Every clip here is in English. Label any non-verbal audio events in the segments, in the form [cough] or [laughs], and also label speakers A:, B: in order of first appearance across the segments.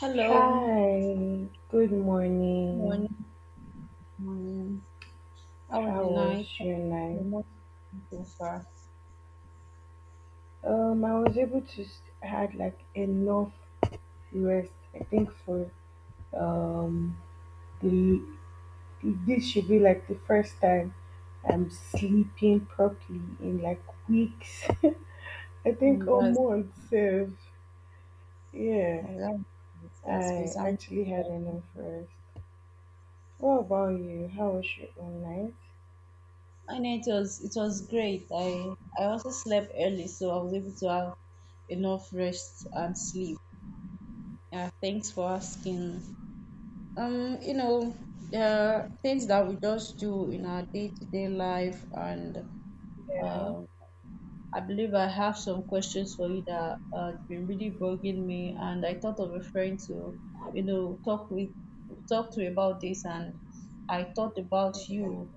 A: Hello,
B: Hi, good morning.
A: morning, morning. How was
B: How
A: your night?
B: was your
A: Your
B: night?
A: morning so far,
B: I was able to had like enough rest. I think for um the this should be like the first time I'm sleeping properly in like weeks. [laughs] I think
A: and
B: or months. Sef. Yeah,
A: oh, that- that's great.
B: I
A: I'm
B: actually had
A: happy.
B: enough rest. What about you? How was your own night?
A: My night was it was great. I also slept early, so I was able to have enough rest and sleep. Yeah, thanks for asking. Um, you know, there are things that we just do in our day to day life, and
B: Yeah.
A: um, I believe I have some questions for you that has been really bugging me, and I thought of a friend to, talk with, talk to about this, and I thought about you.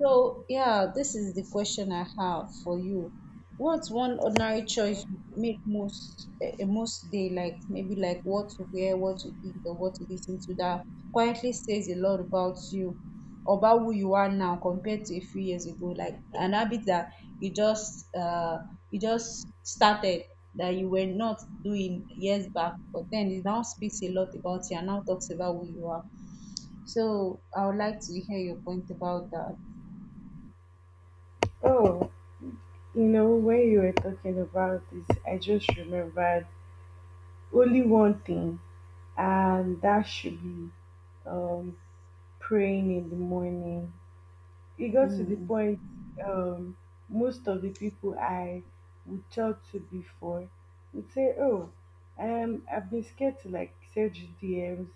A: So yeah, this is the question I have for you. What's one ordinary choice you make most day, like maybe like what to wear, what to eat, or what to listen to that quietly says a lot about you? About who you are now compared to a few years ago, like an habit that you just uh you just started, that you were not doing years back, but then it now speaks a lot about you and now talks about who you are. So I would like to hear your point about that.
B: Oh, you know, when you were talking about this, I just remembered only one thing, and that should be um, praying in the morning, it got to the
A: Hmm.
B: point um, most of the people I would talk to before would say, "Oh, I've been scared to like send you DMs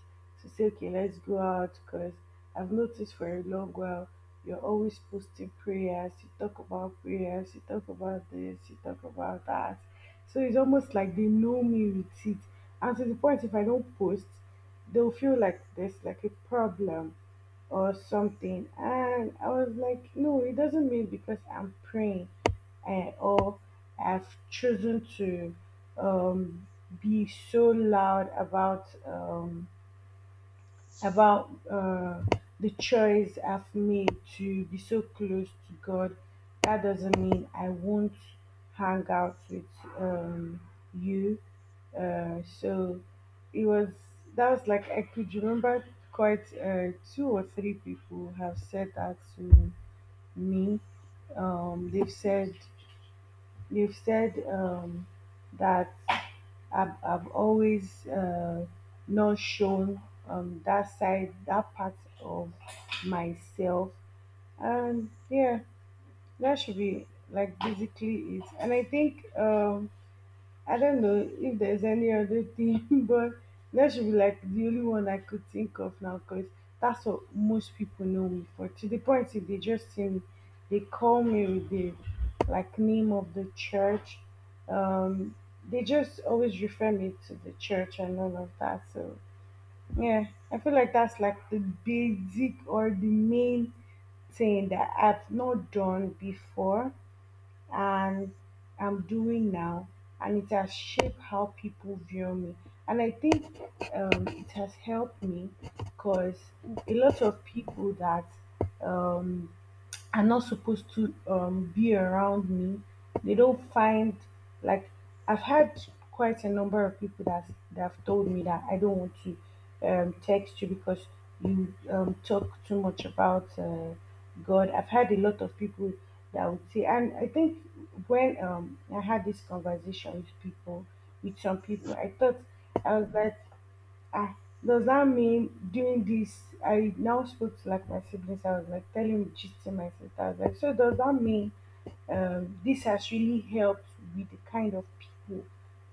B: to say, okay, let's go out because I've noticed for a long while you're always posting prayers. You talk about prayers. You talk about this. You talk about that. So it's almost like they know me with it. And to the point, if I don't post, they'll feel like there's like a problem or something." And I was like, no, it doesn't mean because I'm praying or I've chosen to um, be so loud about. About the choice I've made to be so close to God, that doesn't mean I won't hang out with um, you. So it was, that was like I could remember quite two or three people have said that to me. They've said, they've said that I've always not shown that side, that part of myself. And yeah, that should be like basically it. And I think I don't know if there's any other thing, [laughs] but that should be like the only one I could think of now, because that's what most people know me for. To the point if they just see me, they call me with the like name of the church. Um, they just always refer me to the church and all of that. So yeah, I feel like that's like the basic or the main thing that I've not done before and I'm doing now, and it has shaped how people view me. And I think it has helped me, because a lot of people that um, are not supposed to be around me, they don't find like… I've had quite a number of people that have told me that, "I don't want to text you because you talk too much about God." I've had a lot of people that would say, and I think when I had this conversation with people, with some people, I thought, I was like, ah, does that mean doing this? I now spoke to like my siblings. I was like telling, gisting my sister. I was like, so does that mean this has really helped with the kind of people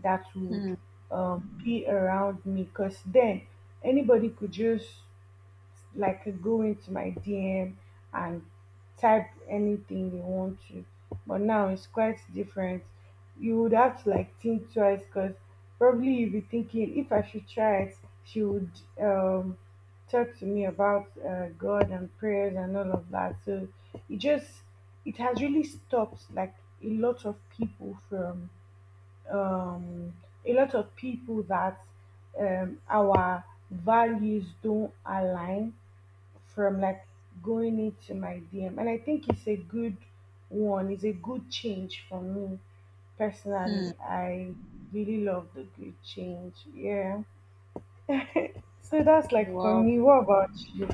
B: that would
A: Hmm.
B: be around me? Because then anybody could just like go into my DM and type anything they want to. But now it's quite different. You would have to like think twice because probably you'd be thinking if I should try it, she would um, talk to me about God and prayers and all of that. So it just, it has really stopped like a lot of people from um, a lot of people that our values don't align from like going into my DM. And I think it's a good one, it's a good change for me
A: Hmm.
B: personally. I really love the good change. Yeah. So that's like for
A: Wow.
B: me. What about you?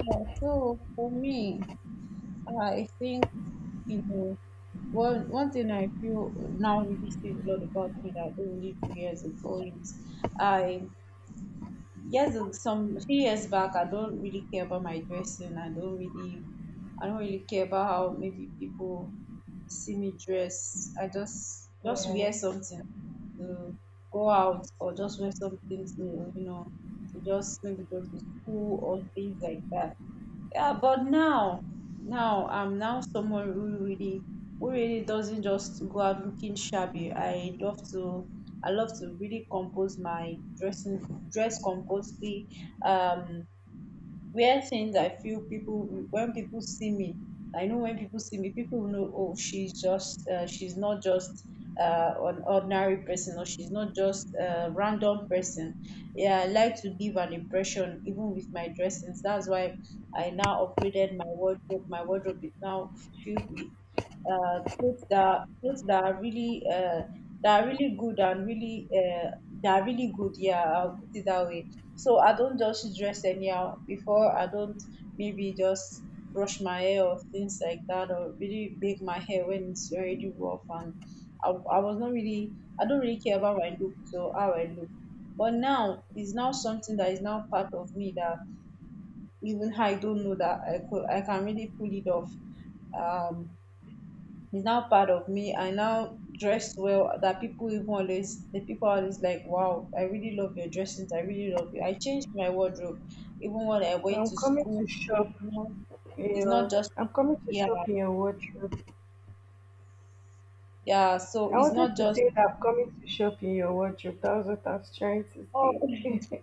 A: Yeah, so for me, I think, you know, one thing I feel now really says a lot about me that I didn't really do years ago is I. Yes, some few years back, I don't really care about my dressing. I don't really care about how maybe people see me dress. I just
B: Yeah.
A: wear something to go out or just wear something to you know to just maybe go to school or things like that. Yeah, but now, now I'm now someone who really doesn't just go out looking shabby. I love to really compose my dressing dress compostly. Um, Wear things I feel people when people see me. I know when people see me, people will know. Oh, she's just she's not just an ordinary person, or she's not just a random person. Yeah, I like to give an impression even with my dressings. That's why I now upgraded my wardrobe. My wardrobe is now filled with clothes that are really good, and really that are really good. Yeah, I'll put it that way, so I don't just dress anyhow. Before I don't maybe just brush my hair or things like that, or really make my hair when it's already rough. And I was not really, I don't really care about my look so how I look. But now it's now something that is now part of me that even I don't know that I can really pull it off. Um, it's now part of me. I now dress well that people always like, wow, I really love your dressings. I really love you. I changed my wardrobe, even when I went
B: I'm
A: to
B: coming to
A: school.
B: shop.
A: You know, it's not
B: Yeah.
A: just
B: I'm coming to
A: yeah,
B: shop in your wardrobe.
A: yeah. So
B: I
A: it's
B: wanted
A: not
B: to
A: just
B: say that I'm coming to shop in your wardrobe. That was what I was trying to
A: oh.
B: say.
A: [laughs]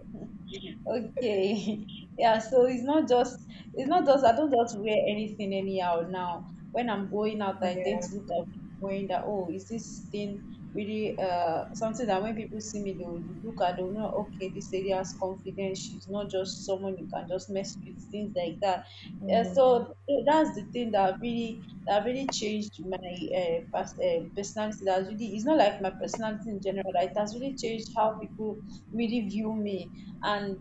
A: Okay. [laughs] Yeah, so it's not just I don't just wear anything anyhow now. When I'm going out, I tend
B: Yeah.
A: to look at wearing that, oh, is this thing really something that when people see me they'll look at they'll know, okay, this lady has confidence, she's not just someone you can just mess with, things like that. So that's the thing that really that really changed my personality. That's really it's not like my personality in general. Like, it has really changed how people really view me. And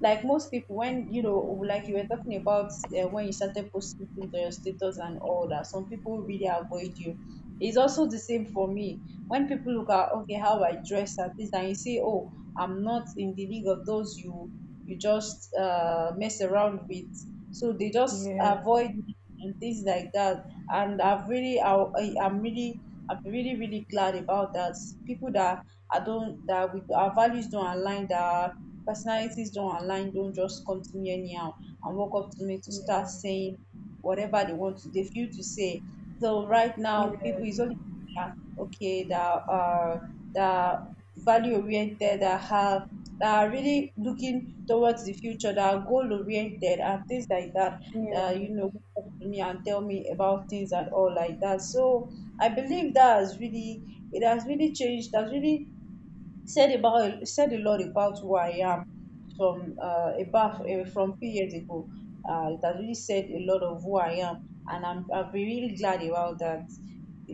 A: like most people when you know like you were talking about when you started posting things on your status and all that, some people really avoid you. It's also the same for me. When people look at okay how I dress at this and you say, oh, I'm not in the league of those you you just mess around with, so they
B: Yeah.
A: just
B: Yeah.
A: avoid me and things like that. And I've really I'm really I'm really really glad about that. People that I don't that with our values don't align, that our personalities don't align, don't just come to me anyhow and walk up to me to start saying whatever they want to they feel to say. So right now,
B: Yeah.
A: people is only that, okay that are that value oriented that have that are really looking towards the future that are goal oriented and things like that,
B: Yeah.
A: uh,
B: Yeah.
A: you know, talk to me and tell me about things and all like that. So I believe that has really, it has really changed, it has really said about said a lot about who I am from about from few years ago. It has really said a lot of who I am, and I've been really glad about that.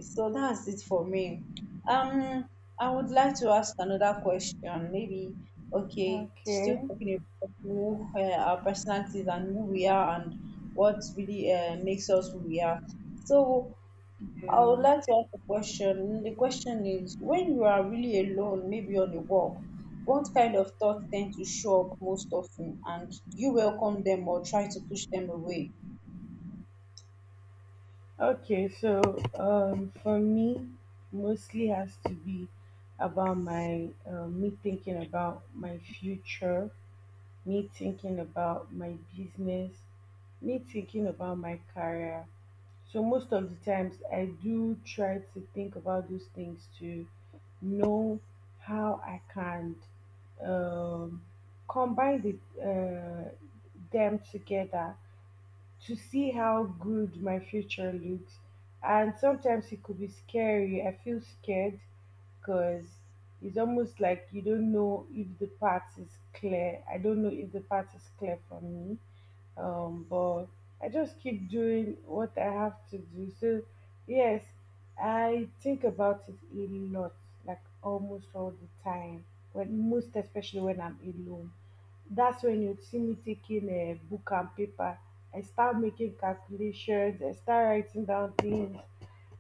A: So that's it for me. Um, I would like to ask another question. Maybe okay, still
B: Okay.
A: talking about who our personalities and who we are, and what really makes us who we are. So I
B: Yeah.
A: would like to ask a question. The question is, when you are really alone, maybe on a walk, what kind of thoughts tend to show up most often, and do you welcome them or try to push them away?
B: Okay, so for me, mostly has to be about my me thinking about my future, me thinking about my business, me thinking about my career. So most of the times, I do try to think about those things to know how I can um, combine the uh, them together to see how good my future looks. And sometimes it could be scary. I feel scared because it's almost like you don't know if the path is clear. I don't know if the path is clear for me, but I just keep doing what I have to do. So yes, I think about it a lot, like almost all the time, when most especially when I'm alone. That's when you see me taking a book and paper, I start making calculations, I start writing down things.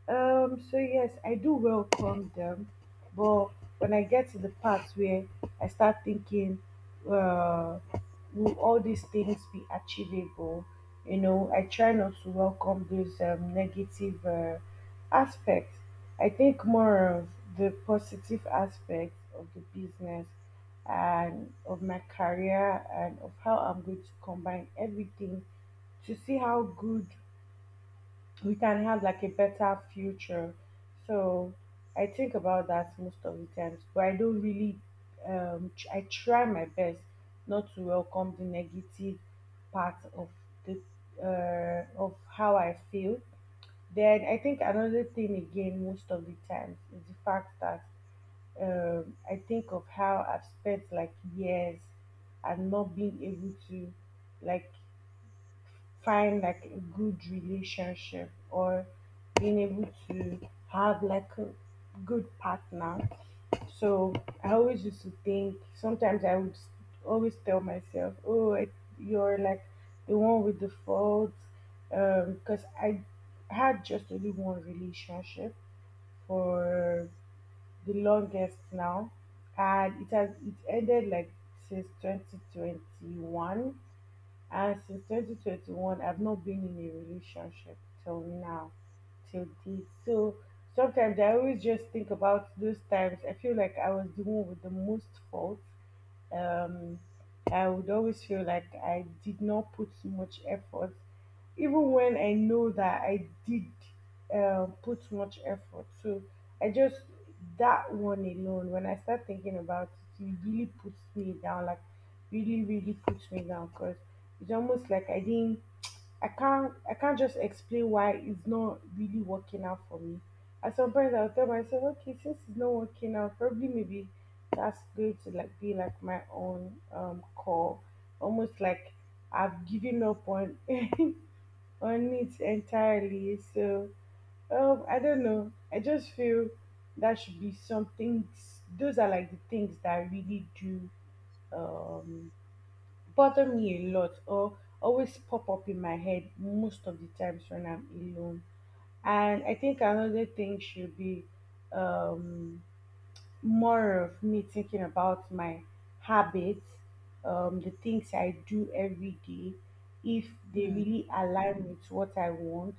B: So yes, I do welcome them, but when I get to the part where I start thinking, uh, will all these things be achievable? You know, I try not to welcome those negative aspects. I think more of the positive aspects of the business and of my career and of how I'm going to combine everything to see how good we can have like a better future. So I think about that most of the times, but I don't really. I try my best not to welcome the negative part of the of how I feel. Then I think another thing again, most of the times, is the fact that I think of how I've spent like years and not being able to like find like a good relationship or being able to have like a good partner. So I always used to think, sometimes I would always tell myself, oh, you're like the one with the faults. Because I had just only one relationship for the longest now. And it ended like since 2021, and since 2021, I've not been in a relationship till now, till date. So sometimes I always just think about those times. I feel like I was the one with the most fault. um, I would always feel like I did not put much effort, even when I know that I did put much effort. So I just, that one alone, when I start thinking about it, it really puts me down. Like really, really puts me down because it's almost like I didn't. I can't. I can't just explain why it's not really working out for me. At some point, I'll tell myself, okay, since it's not working out, probably maybe that's going to like be like my own call, almost like I've given up on [laughs] on it entirely. So I don't know, I just feel that should be some things, those are like the things that really do um bother me a lot or always pop up in my head most of the times when I'm alone. And I think another thing should be um more of me thinking about my habits, the things I do every day, if they
A: Hmm.
B: really align with what I want.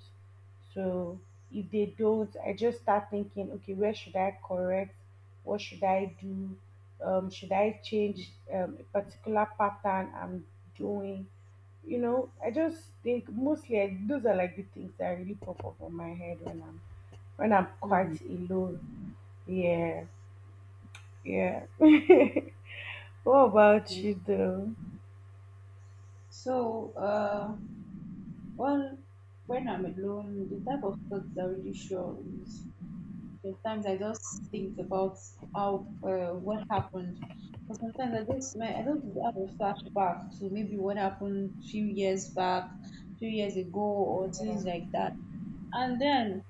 B: So if they don't, I just start thinking, okay, where should I correct? What should I do? Should I change a particular pattern I'm doing? You know, I just think mostly those are like the things that really pop up on my head when I'm
A: Hmm.
B: quite alone. Yeah. Yeah. [laughs] what about
A: Hmm.
B: you though?
A: So, well, when I'm alone, the type of thoughts I really show is sometimes I just think about how what happened. But sometimes I just have a flashback to maybe what happened few years back, few years ago, or things like that. And then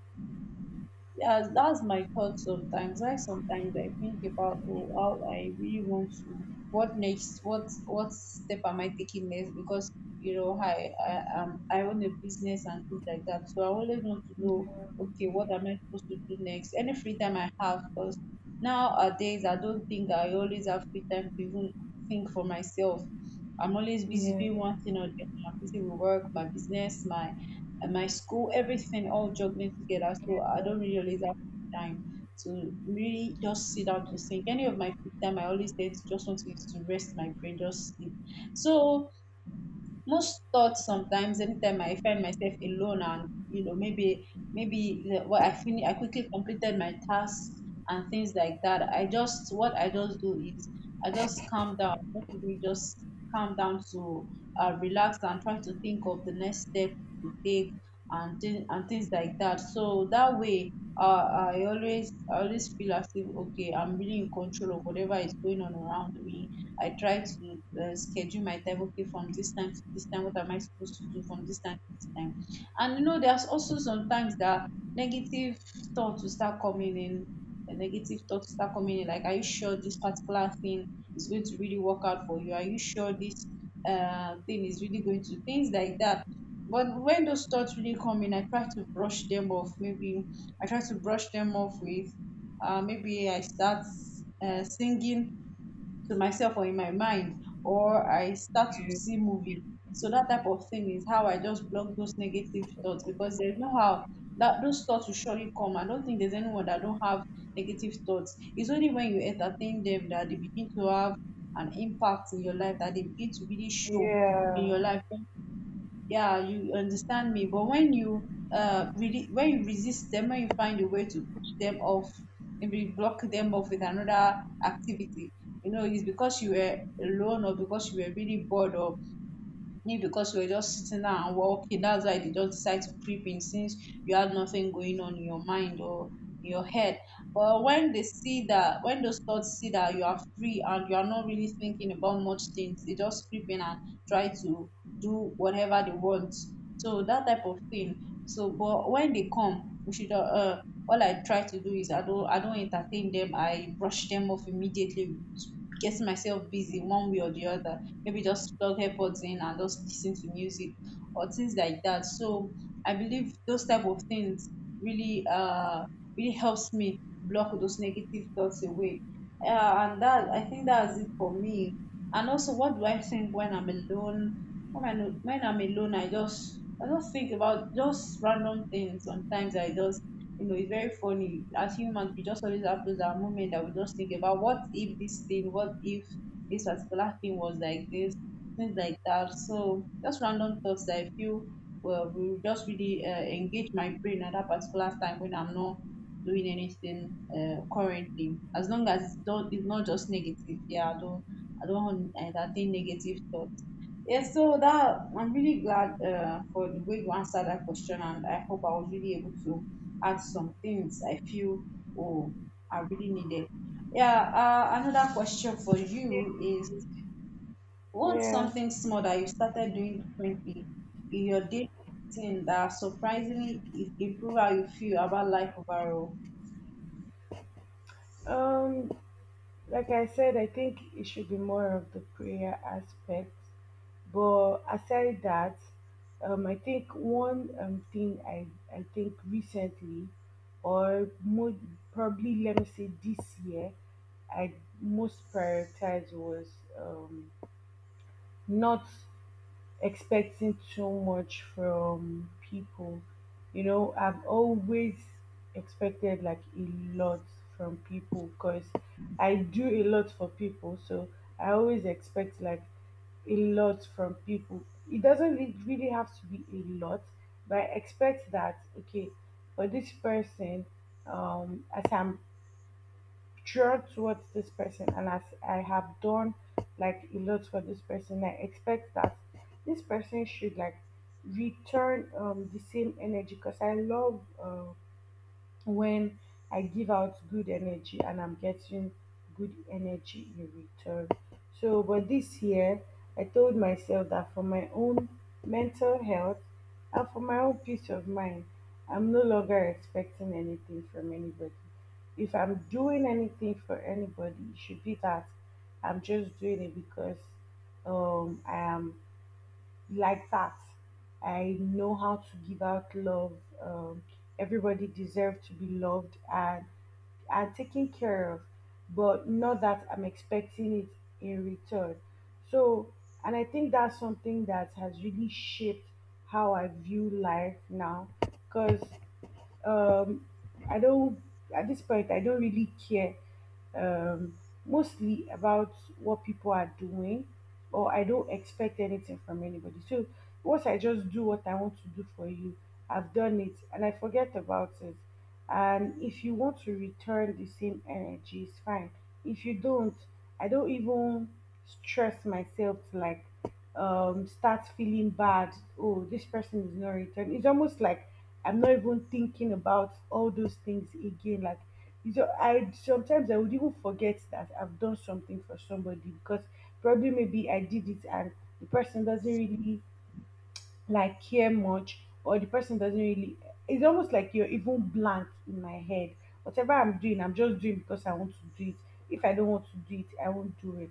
A: yeah, that's my thought sometimes. Why sometimes I think about oh, how I really want to, what next, what step am I taking next? Because you know, I own a business and things like that, so I always want to know, okay, what am I supposed to do next? Any free time I have, because nowadays I don't think I always have free time to even think for myself. I'm always busy
B: Yeah.
A: doing one thing or the other. I'm busy with work, my business, my and my school, everything all juggling together. So I don't really always have time to really just sit down to think. Any of my free time, I always say it's just want to use to rest my brain, just sleep. So most thoughts sometimes anytime I find myself alone, and you know what I finish I quickly completed my tasks and things like that, I just what I just do is I just calm down, just really just calm down to relax and try to think of the next step to take, and things like that. So that way I always feel as if okay I'm really in control of whatever is going on around me. I try to schedule my time. Okay, from this time to this time, what am I supposed to do from this time to this time? And you know, there's also sometimes that negative thoughts will start coming in. The negative thoughts start coming in. Like, are you sure this particular thing is going to really work out for you? Are you sure this thing is really going to things like that? But when those thoughts really come in, I try to brush them off. Maybe I try to brush them off with maybe I start singing to myself or in my mind, or I start to see movie. So that type of thing is how I just block those negative thoughts, because there's no how that those thoughts will surely come. I don't think there's anyone that don't have negative thoughts. It's only when you entertain them that they begin to have an impact in your life, that they begin to really show in
B: Yeah.
A: your life. Yeah, you understand me. But when you really when you resist them, when you find a way to push them off, maybe block them off with another activity, you know it's because you were alone or because you were really bored, or maybe because you were just sitting down and walking, that's why they just decide to creep in, since you had nothing going on in your mind or in your head. But when they see that, when those thoughts see that you are free and you are not really thinking about much things, they just creep in and try to do whatever they want. So that type of thing. So, but when they come, we should. All I try to do is I don't entertain them. I brush them off immediately, getting myself busy one way or the other, maybe just plug AirPods in and just listen to music or things like that. So I believe those type of things really really helps me block those negative thoughts away. And that I think that's it for me. And also, what do I think when I'm alone? When I'm alone, I just think about just random things. Sometimes I just it's very funny. As humans, we just always have those our moment that we just think about what if this thing, what if this particular thing was like this, things like that. So just random thoughts that I feel well will just really engage my brain at that particular time when I'm not doing anything currently. As long as it's not just negative. Yeah, I don't entertain negative thoughts. Yeah, so that I'm really glad for the way you answered that question, and I hope I was really able to add some things I feel oh I really needed. Yeah, another question for you is what's
B: Yeah.
A: something small that you started doing differently in your daily routine that surprisingly improve how you feel about life overall?
B: Um, like I said, I think it should be more of the prayer aspect. But aside that, I think one thing I think recently, or mo probably let me say this year, I most prioritized was um, not expecting too much from people. You know, I've always expected like a lot from people because I do a lot for people. So I always expect like a lot from people. It doesn't re- really have to be a lot, but I expect that, okay, for this person, as I'm drawn towards this person and as I have done like a lot for this person, I expect that this person should like return the same energy, because I love when I give out good energy and I'm getting good energy in return. So, but this year, I told myself that for my own mental health and for my own peace of mind, I'm no longer expecting anything from anybody. If I'm doing anything for anybody, it should be that I'm just doing it because I am like that. I know how to give out love. Everybody deserves to be loved and taken care of, but not that I'm expecting it in return. So, and I think that's something that has really shaped how I view life now, because um, I don't… at this point I don't really care um, mostly about what people are doing, or I don't expect anything from anybody. So once I just do what I want to do for you, I've done it, and I forget about it. And if you want to return the same energy, it's fine. If you don't, I don't even stress myself to start feeling bad. Oh, this person is not returning. It's almost like I'm not even thinking about all those things again. Like, you know, I sometimes I would even forget that I've done something for somebody because probably maybe I did it and the person doesn't really like care much, or the person doesn't really... it's almost like you're even blank in my head. Whatever I'm doing, I'm just doing because I want to do it. If I don't want to do it, I won't do it.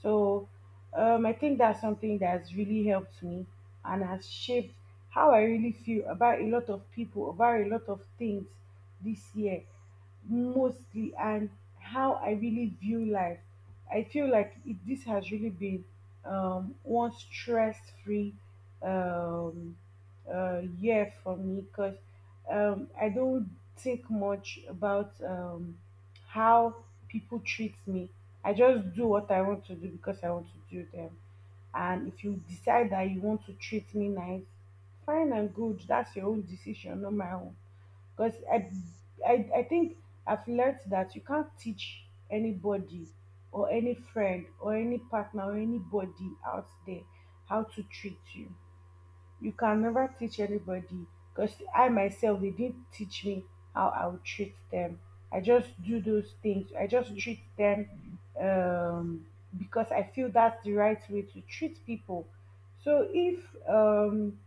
B: So I think that's something that's really helped me and has shaped how I really feel about a lot of people, about a lot of things, this year mostly, and how I really view life. I feel like this has really been one stress free um, year for me, because I don't think much about how people treat me. I just do what I want to do because I want to do them. And if you decide that you want to treat me nice, fine and good. That's your own decision, not my own. Because I, I think I've learned that you can't teach anybody, or any friend or any partner or anybody out there, how to treat you. You can never teach anybody, because I myself, they didn't teach me how I would treat them. I just do those things. I just treat them, because I feel that's the right way to treat people. So if, um,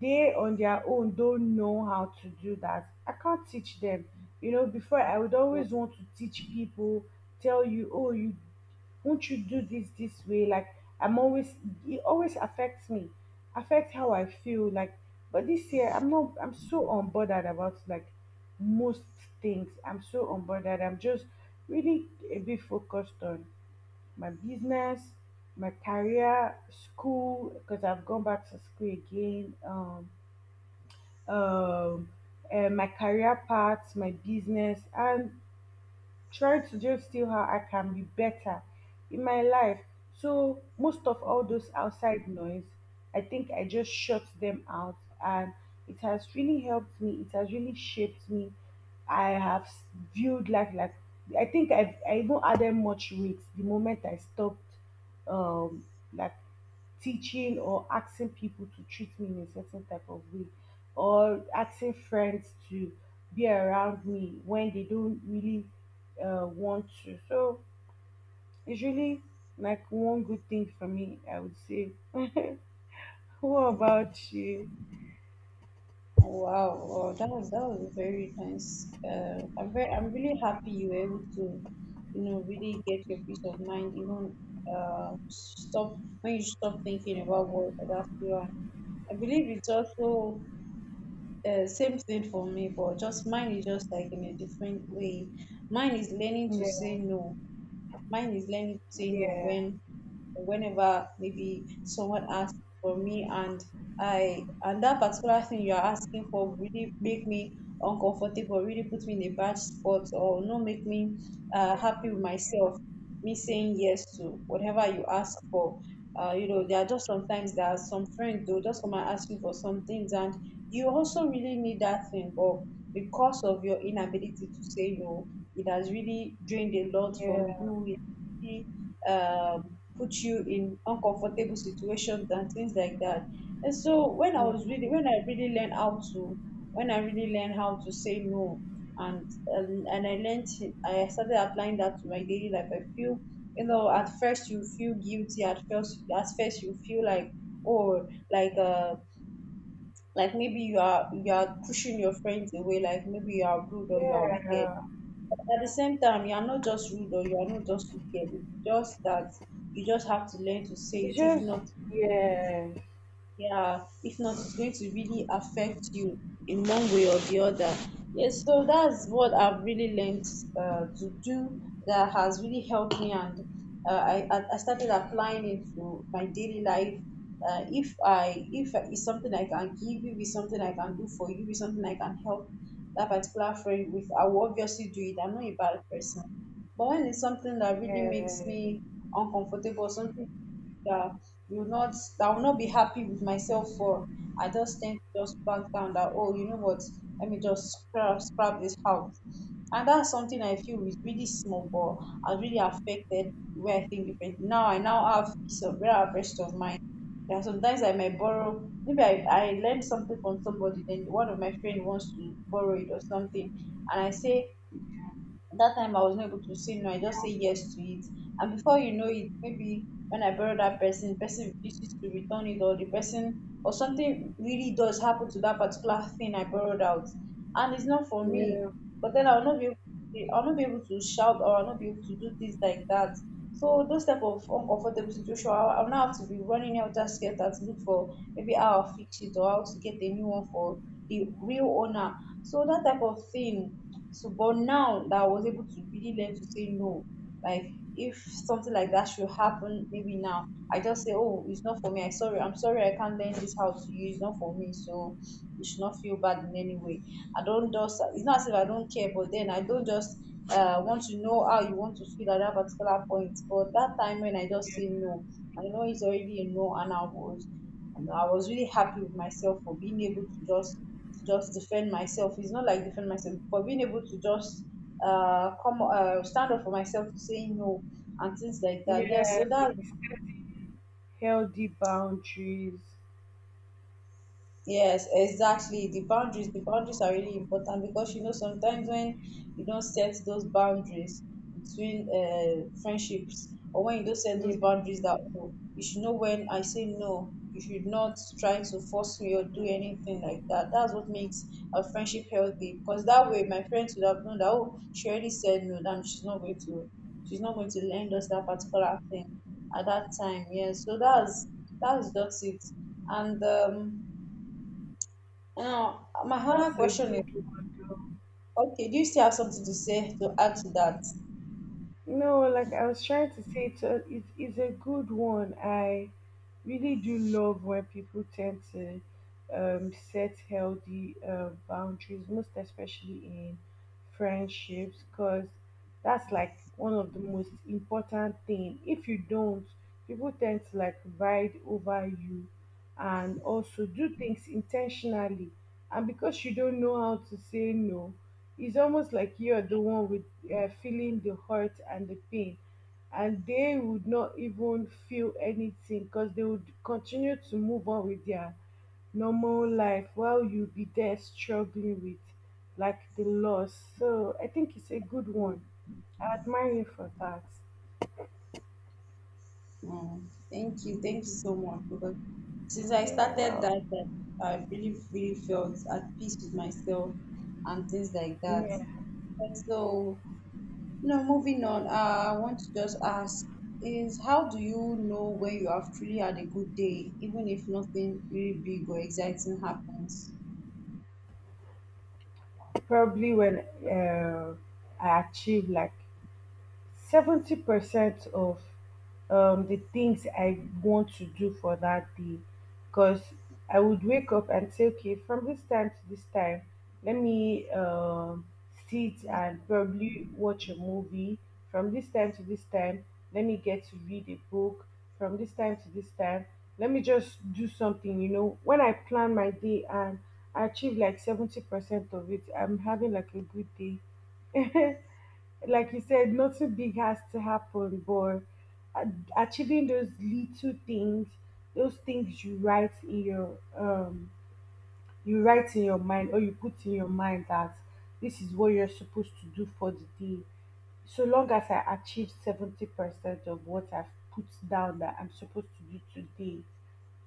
B: they on their own don't know how to do that, I can't teach them. You know, before I would
A: What-
B: always want to teach people, tell you, oh, you won't you do this this way? Like I'm always it always affects me, affects how I feel. Like, but this year I'm not. I'm so unbothered about like most things. I'm so unbothered. I'm just really a bit focused on my business, my career, school, because I've gone back to school again. Um, my career path, my business, and try to just see how I can be better in my life. So most of all those outside noise, I think I just shut them out, and it has really helped me. It has really shaped me. I have s- viewed life like... I think I've I even added much weight the moment I stopped, um like teaching or asking people to treat me in a certain type of way, or asking friends to be around me when they don't really want to. So it's really like one good thing for me, I would say. What
A: hmm,
B: about you?
A: Wow, that was very nice. I'm really happy you were able to, you know, really get your peace of mind. Even stop when you stop thinking about what others feel. And I believe it's also same thing for me, but just mine is just like in a different way. Mine is learning to
B: Yeah,
A: say no. Mine is learning to say no
B: yeah,
A: when whenever maybe someone asks for me and I and that particular thing you are asking for really make me uncomfortable, really put me in a bad spot or not make me happy with myself. Me saying yes to whatever you ask for. You know, there are just sometimes there are some friends they'll just come and ask you for some things and you also really need that thing, but because of your inability to say no, it has really drained a lot from
B: yeah,
A: you. It really put you in uncomfortable situations and things like that. And so when I was
B: yeah,
A: really, when I really learned how to, when I really learned how to say no, and I learned, I started applying that to my daily life. I feel, you know, at first you feel guilty. At first you feel like, oh, like maybe you are pushing your friends away. Like maybe you are rude or you are wicked
B: yeah.
A: at the same time you are not just rude or you are not just wicked, it's just that you just have to learn to say
B: It's
A: it. If
B: just,
A: not,
B: yeah,
A: yeah, if not, it's going to really affect you in one way or the other. Yes, so that's what I've really learned to do that has really helped me, and I started applying it to my daily life. If I if it's something I can give you, it's something I can do for you, it's something I can help that particular friend with, I will obviously do it. I'm not a bad person, but when it's something that really
B: yeah,
A: makes me uncomfortable, something that will not that will not be happy with myself for. I just tend to just back down that oh you know what, let me just scrap this out. And that's something I feel is really small but has really affected where way I think differently. Now I now have peace of where I have rest of mind. There are sometimes I might borrow maybe I learned something from somebody then one of my friend wants to borrow it or something and I say that time I was not able to say no. I just say yes to it. And before you know it, maybe when I borrow that person, person refuses to return it or the person or something really does happen to that particular thing I borrowed out. And it's not for me.
B: yeah,
A: But then I'll not be able I'll not be able to shout or I'll not be able to do things like that. So those type of uncomfortable situation, I'll now have to be running out of skelter to look for maybe how I'll fix it or how to get a new one for the real owner. So that type of thing, so, but now that I was able to really learn to say no, like if something like that should happen, maybe now I just say, oh, it's not for me. I sorry, I'm sorry, I can't learn this how to use. It's not for me, so you should not feel bad in any way. I don't just. It's not as if I don't care, but then I don't just want to know how you want to feel at that particular point. But that time when I just say no, I know it's already a no, and I was really happy with myself for being able to just defend myself. It's not like defend myself for being able to just come stand up for myself to say no and things like that. Yeah,
B: yeah.
A: so that's
B: Healthy boundaries.
A: Yes, exactly. The boundaries are really important because you know sometimes when you don't set those boundaries between friendships or when you don't set
B: Yeah,
A: those boundaries that oh, you should know when I say no, you should not try to force me or do anything like that. That's what makes a friendship healthy because that way my friends would have known that oh, she already said no, then she's not going to she's not going to lend us that particular thing at that time. Yeah, so that's just it. And now, my other
B: that's a
A: question is,
B: good...
A: okay, do you still have something to say to add to that?
B: No, like I was trying to say, it's a good one. I really do love when people tend to set healthy boundaries, most especially in friendships, because that's like one of the most important thing. If you don't, people tend to like ride over you and also do things intentionally. And because you don't know how to say no, it's almost like you're the one with feeling the hurt and the pain, and they would not even feel anything because they would continue to move on with their normal life while you be there struggling with like the loss. So I think it's a good one.
A: Mm.
B: I admire you for that.
A: Mm. Thank you so much. Because since I
B: Yeah,
A: started
B: well,
A: that, I really, really felt at peace with myself and things like that.
B: yeah,
A: So, you know, moving on, I want to just ask is how do you know when you have truly had a good day, even if nothing really big or exciting happens?
B: probably when uh, I achieve like 70% of the things I want to do for that day. Because I would wake up and say, okay, from this time to this time, let me sit and probably watch a movie. From this time to this time, let me get to read a book. From this time to this time, let me just do something. You know, when I plan my day and I achieve like 70% of it, I'm having like a good day. [laughs] Like you said, nothing big has to happen, but a- achieving those little things, those things you write in your, you write in your mind, or you put in your mind that this is what you're supposed to do for the day. So long as I achieve 70% of what I've put down that I'm supposed to do today,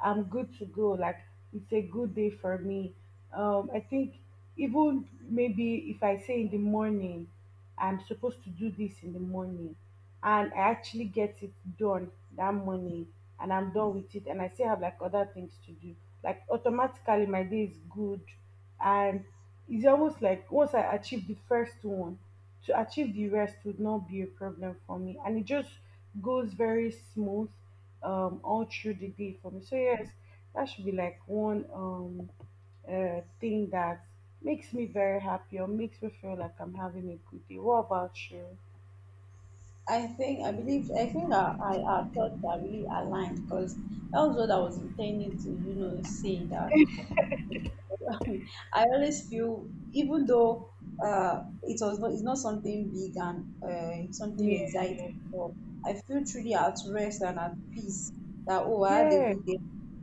B: I'm good to go. Like it's a good day for me. I think even maybe if I say in the morning, I'm supposed to do this in the morning, and I actually get it done that morning, and I'm done with it, and I still have like other things to do. Like automatically, my day is good, and it's almost like once I achieve the first one, to achieve the rest would not be a problem for me, and it just goes very smooth all through the day for me. So yes, that should be like one, thing that makes me very happy or makes me feel like I'm having a good day. What about you?
A: I think I believe I think our thoughts are really aligned because that was what I was intending to you know say that [laughs] I always feel, even though it was not, it's not something big and something
B: Yeah,
A: exciting, but I feel truly at rest and at peace that, oh, I had a
B: yeah,
A: good day.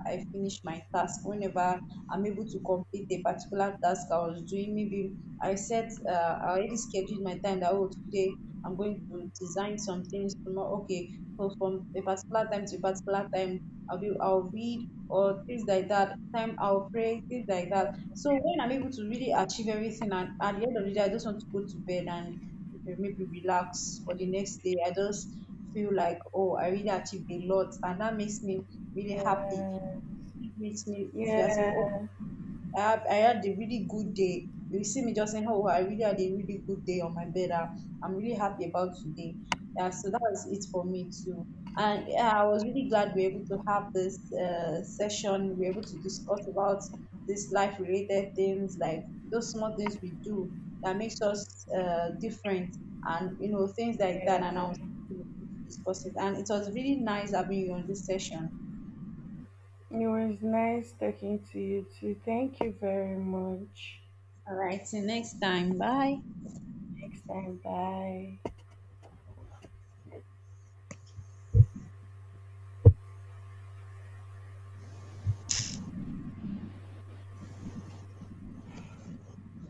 A: I finished my task. Whenever I'm able to complete a particular task I was doing, maybe I set, I already scheduled my time that, oh, today I'm going to design some things tomorrow. Okay, so from a particular time to a particular time, I'll be I'll read or things like that. Time I'll pray, things like that. So when I'm able to really achieve everything and at the end of the day I just want to go to bed and maybe relax for the next day. I just feel like oh I really achieved a lot and that makes me really happy.
B: yeah,
A: It makes me feel as if oh
B: yeah,
A: I have I had a really good day. You see me just saying, "Oh, I really had a really good day on my bed. I, I'm really happy about today." Yeah, so that was it for me too. And yeah, I was really glad we were able to have this session. We were able to discuss about these life-related things, like those small things we do that makes us different, and you know things like that. And
B: yeah.
A: I was happy to discuss it, and it was really nice having you on this session.
B: It was nice talking to you too. Thank you very much.
A: All right, till next time. Bye.
B: Next time, bye.